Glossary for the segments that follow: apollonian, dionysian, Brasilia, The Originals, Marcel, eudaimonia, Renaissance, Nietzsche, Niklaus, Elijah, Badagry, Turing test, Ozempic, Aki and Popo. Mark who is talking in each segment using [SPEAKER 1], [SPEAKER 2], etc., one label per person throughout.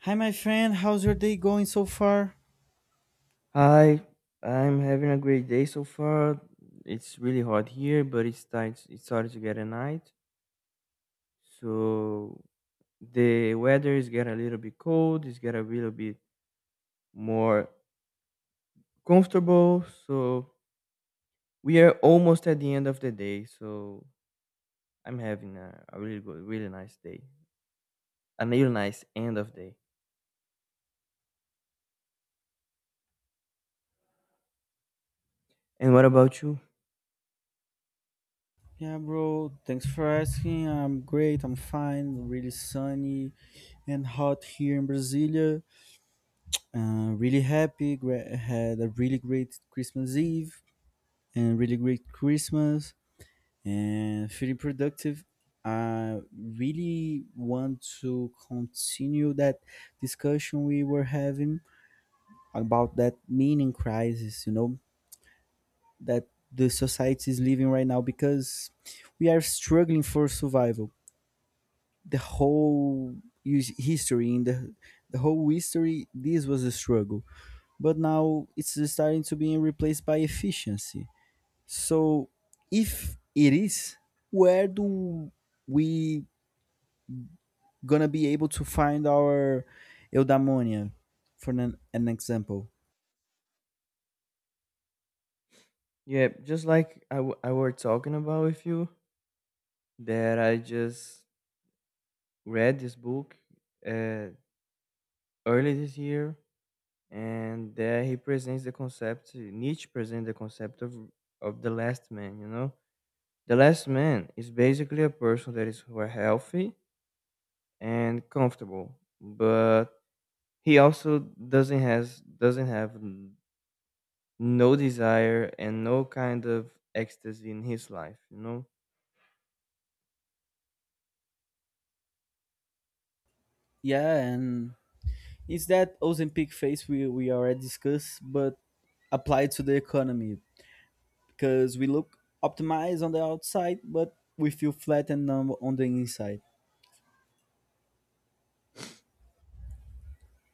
[SPEAKER 1] Hi, my friend. How's your day going so far?
[SPEAKER 2] Hi, I'm having a great day so far. It's really hot here, but it's tight. It's started to get a night. So the weather is getting a little bit cold. It's getting a little bit more comfortable. So we are almost at the end of the day. So I'm having a really good, really nice day. A real nice end of day. And what about you?
[SPEAKER 1] Yeah, bro. Thanks for asking. I'm great. I'm fine. Really sunny and hot here in Brasilia. Really happy. Had a really great Christmas Eve and really great Christmas and feeling productive. I really want to continue that discussion we were having about that meaning crisis, that the society is living right now because we are struggling for survival. The whole history in the whole history this was a struggle, but now it's starting to be replaced by efficiency. So if it is, where do we gonna be able to find our eudaimonia for an example?
[SPEAKER 2] Yeah, just like I were talking about with you, that I just read this book. Uh, Early this year, and there he presents the concept. Nietzsche presents the concept of the last man. You know, the last man is basically a person that is who are healthy and comfortable, but he also doesn't have no desire and no kind of ecstasy in his life. You know.
[SPEAKER 1] Yeah. And it's that Ozempic phase we already discussed, but applied to the economy, because we look optimized on the outside, but we feel flat and numb on the inside.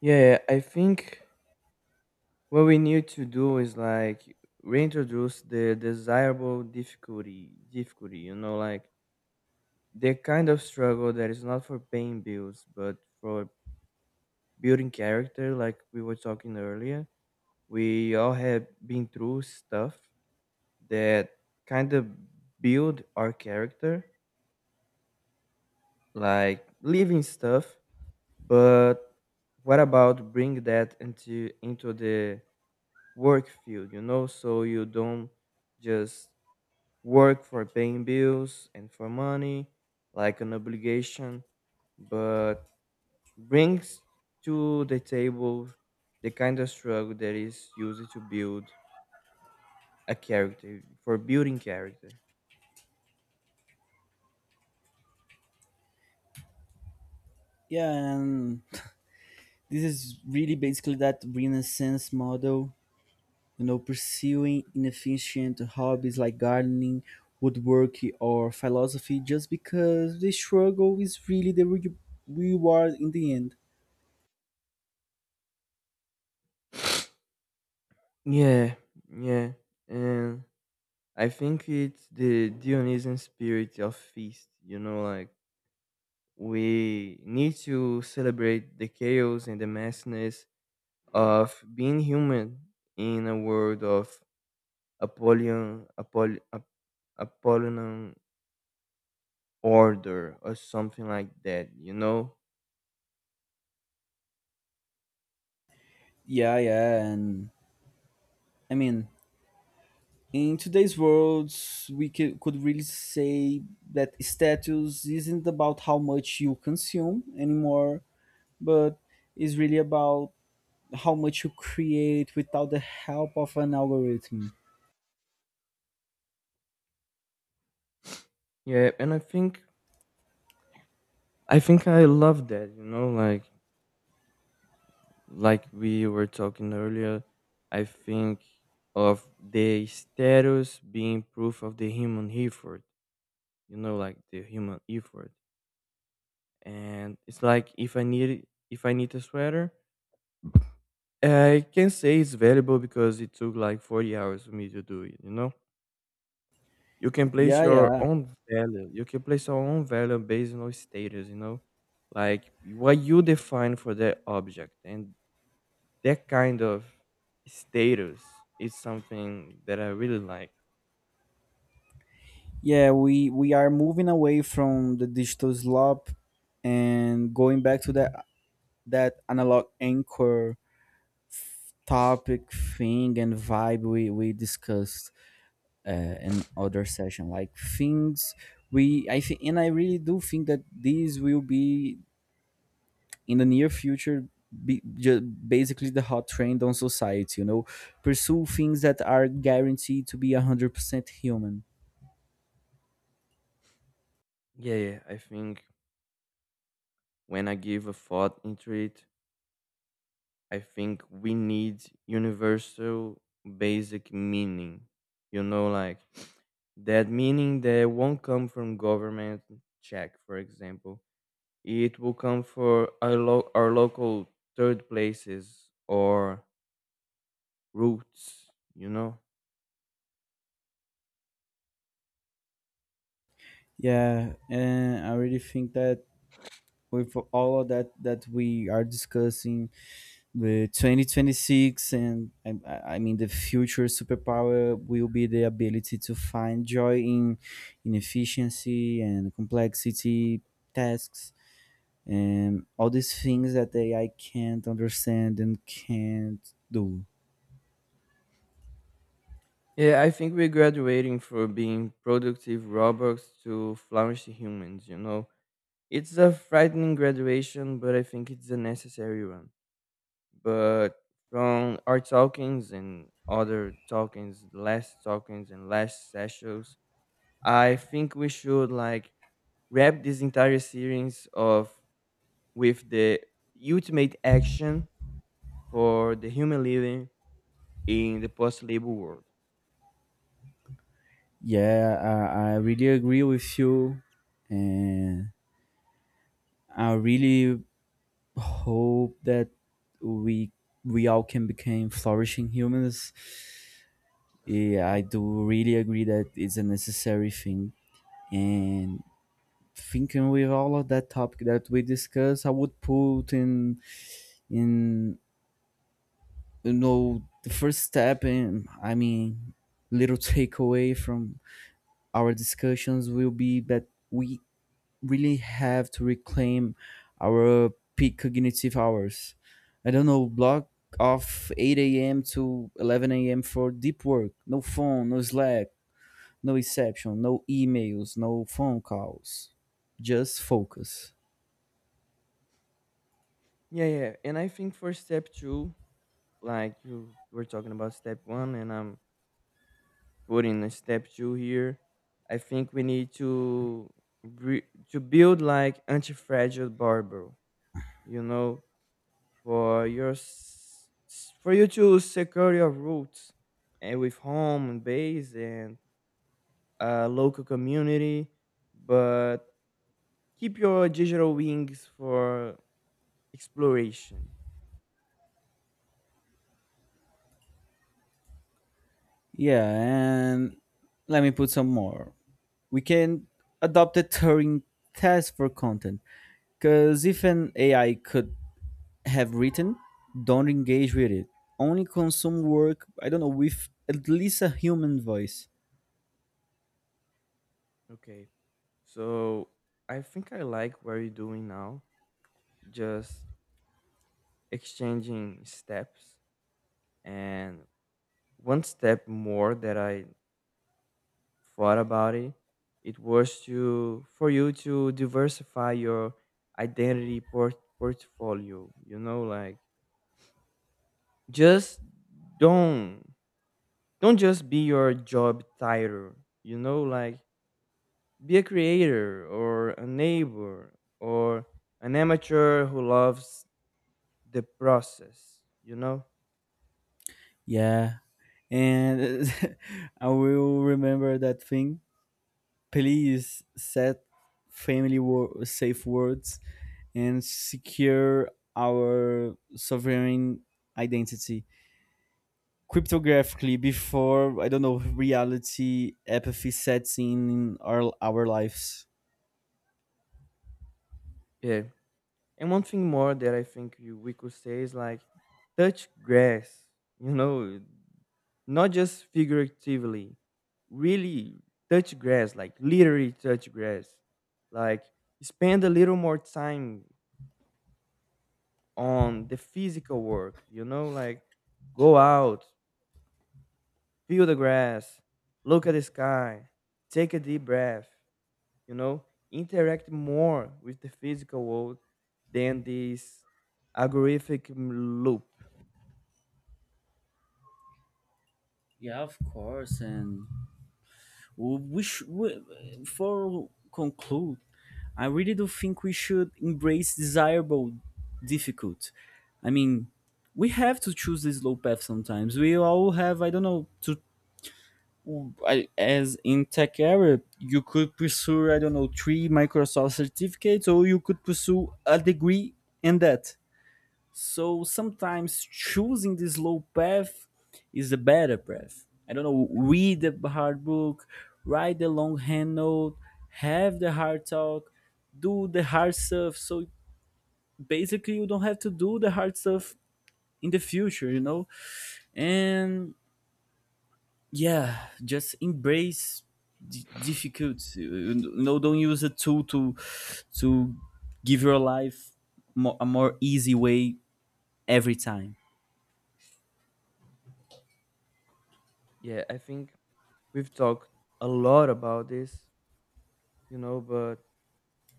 [SPEAKER 2] Yeah, I think what we need to do is like reintroduce the desirable difficulty, you know, like the kind of struggle that is not for paying bills but for building character, like we were talking earlier. We all have been through stuff that kind of build our character, like living stuff. But what about bring that into the work field, you know, so you don't just work for paying bills and for money, like an obligation. But brings to the table the kind of struggle that is used to build a character for building character.
[SPEAKER 1] Yeah, and this is really basically that Renaissance model, you know, pursuing inefficient hobbies like gardening, woodworking, or philosophy just because the struggle is really the reward in the end.
[SPEAKER 2] Yeah, yeah. And I think it's the dionysian spirit of feast, you know, like we need to celebrate the chaos and the messiness of being human in a world of apollyon apoll, ap, apollonian order or something like that, you know.
[SPEAKER 1] Yeah, yeah, and I mean, in today's world we could really say that status isn't about how much you consume anymore, but is really about how much you create without the help of an algorithm.
[SPEAKER 2] Yeah, and I think I love that, you know, like we were talking earlier, I think of the status being proof of the human effort, you know, like the human effort. And it's like if I need a sweater, I can say it's valuable because it took like 40 hours for me to do it, you know? You can place
[SPEAKER 1] Yeah,
[SPEAKER 2] your
[SPEAKER 1] yeah,
[SPEAKER 2] own value. You can place your own value based on status, you know, like what you define for that object. And that kind of status is something that I really like.
[SPEAKER 1] yeah, we are moving away from the digital slop and going back to that analog anchor topic thing and vibe we discussed, and other session like things. We i think and i really do think that these will be, in the near future, be just basically the hot trend on society, you know, pursue things that are guaranteed to be 100% human.
[SPEAKER 2] Yeah, yeah. I think when I give a thought into it, I think we need universal basic meaning. You know, like that meaning that won't come from government check, for example. It will come for our local third places or routes, you know?
[SPEAKER 1] Yeah, and I really think that with all of that we are discussing, the 2026, and I mean, the future superpower will be the ability to find joy in inefficiency and complexity tasks and all these things that the AI can't understand and can't do.
[SPEAKER 2] Yeah, I think we're graduating from being productive robots to flourishing humans, you know? It's a frightening graduation, but I think it's a necessary one. But from our talkings and other talkings, last talkings and last sessions, I think we should like wrap this entire series of with the ultimate action for the human living in the post-labor world.
[SPEAKER 1] Yeah, I really agree with you, and I really hope that we we all can become flourishing humans. Yeah, I do really agree that it's a necessary thing. And thinking with all of that topic that we discussed, I would put in you know the first step, and I mean little takeaway from our discussions will be that we really have to reclaim our peak cognitive hours. I don't know, block of 8 a.m. to 11 a.m. for deep work. No phone, no Slack, no exception, no emails, no phone calls. Just focus.
[SPEAKER 2] Yeah, yeah. And I think for step two, like you were talking about step one, and I'm putting a step two here. I think we need to re- to build like anti-fragile barber. You know, for for you to secure your roots and with home and base and a local community, but keep your digital wings for exploration.
[SPEAKER 1] Yeah, and let me put some more. We can adopt a Turing test for content. Because if an AI could have written, don't engage with it. Only consume work, I don't know, with at least a human voice.
[SPEAKER 2] Okay. So I think I like what you're doing now, just exchanging steps. And one step more that I thought about it, it was to for you to diversify your portfolio. You know, like just don't don't just be your job title. You know, like be a creator or a neighbor or an amateur who loves the process, you know?
[SPEAKER 1] Yeah. And I will remember that thing. Please set family safe words and secure our sovereign identity cryptographically before, I don't know, reality apathy sets in our lives.
[SPEAKER 2] Yeah. And one thing more that I think we could say is like touch grass, you know, not just figuratively, really touch grass, like literally touch grass. Like spend a little more time on the physical work, you know, like go out, feel the grass, look at the sky, take a deep breath, you know, interact more with the physical world than this algorithmic loop.
[SPEAKER 1] Yeah, of course. And we, for conclude, I really do think we should embrace desirable difficult. I mean, we have to choose the slow path sometimes. We all have, I don't know, to I, as in tech area, you could pursue, I don't know, three Microsoft certificates, or you could pursue a degree in that. So sometimes choosing the slow path is a better path. I don't know, read the hard book, write the long hand note, have the hard talk, do the hard stuff. So basically, you don't have to do the hard stuff in the future, you know? And yeah, just embrace difficulty. You know, don't use a tool to give your life a more easy way every time.
[SPEAKER 2] Yeah, I think we've talked a lot about this, you know, but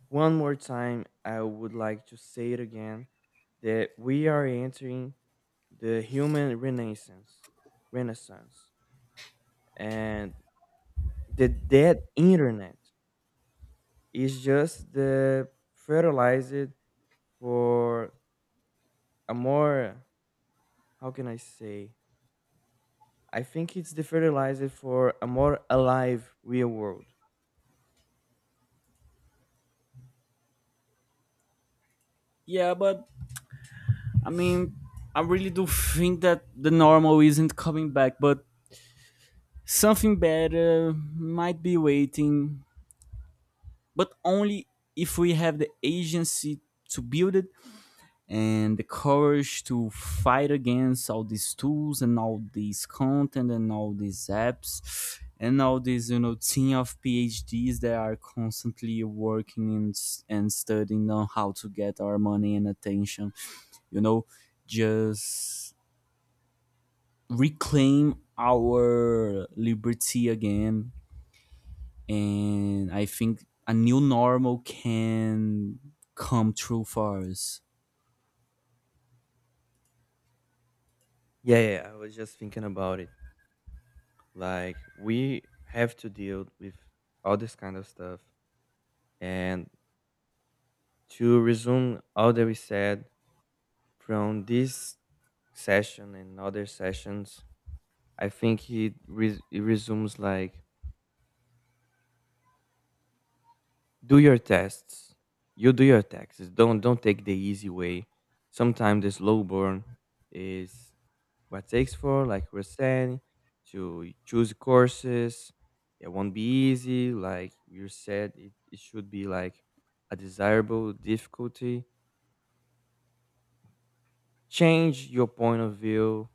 [SPEAKER 2] one more time, I would like to say it again that we are entering the human renaissance, and the dead internet, it's just the fertilizer for a more, how can I say? I think it's the fertilizer for a more alive real world.
[SPEAKER 1] Yeah, but I mean, I really do think that the normal isn't coming back, but something better might be waiting. But only if we have the agency to build it, and the courage to fight against all these tools and all these content and all these apps and all these, you know, team of PhDs that are constantly working and studying on how to get our money and attention. You know, just reclaim our liberty again, and I think a new normal can come true for us.
[SPEAKER 2] Yeah, yeah. I was just thinking about it. Like we have to deal with all this kind of stuff. And to resume all that we said from this session and other sessions, I think it resumes like do your tests. You do your taxes. Don't take the easy way. Sometimes the slow burn is what takes for, like we're saying, to choose courses. It won't be easy, like you said. It should be like a desirable difficulty. Change your point of view.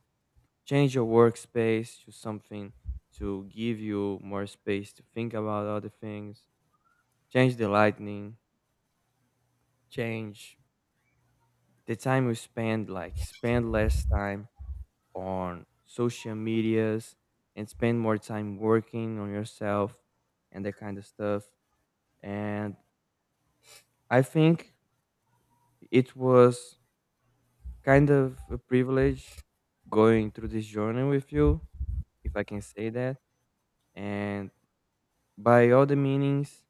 [SPEAKER 2] Change your workspace to something to give you more space to think about other things. Change the lightning. Change the time we spend, like spend less time on social medias and spend more time working on yourself and that kind of stuff. And I think it was kind of a privilege going through this journey with you, if I can say that. And by all the meanings,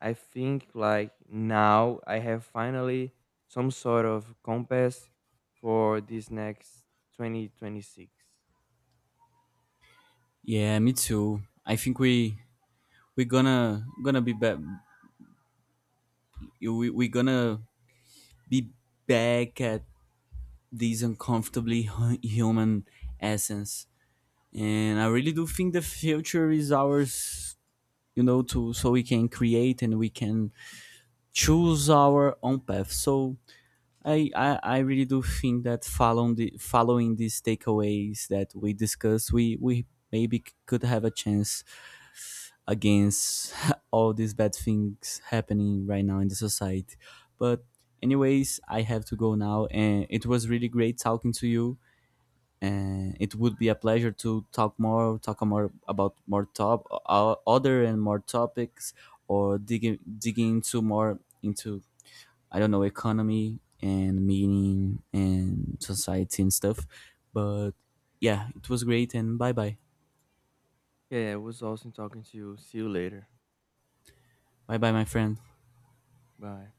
[SPEAKER 2] I think like now I have finally some sort of compass for this next 2026.
[SPEAKER 1] Yeah, me too. I think we're gonna be back. We're gonna be back at this uncomfortably human essence. And I really do think the future is ours, you know, to, so we can create and we can choose our own path. So I really do think that following the, following these takeaways that we discussed, we maybe could have a chance against all these bad things happening right now in the society. But anyways, I have to go now, and it was really great talking to you. And it would be a pleasure to talk more, about more other and more topics, or digging into more into, I don't know, economy and meaning and society and stuff. But yeah, it was great, and bye bye.
[SPEAKER 2] Yeah, it was awesome talking to you. See you later.
[SPEAKER 1] Bye bye, my friend.
[SPEAKER 2] Bye.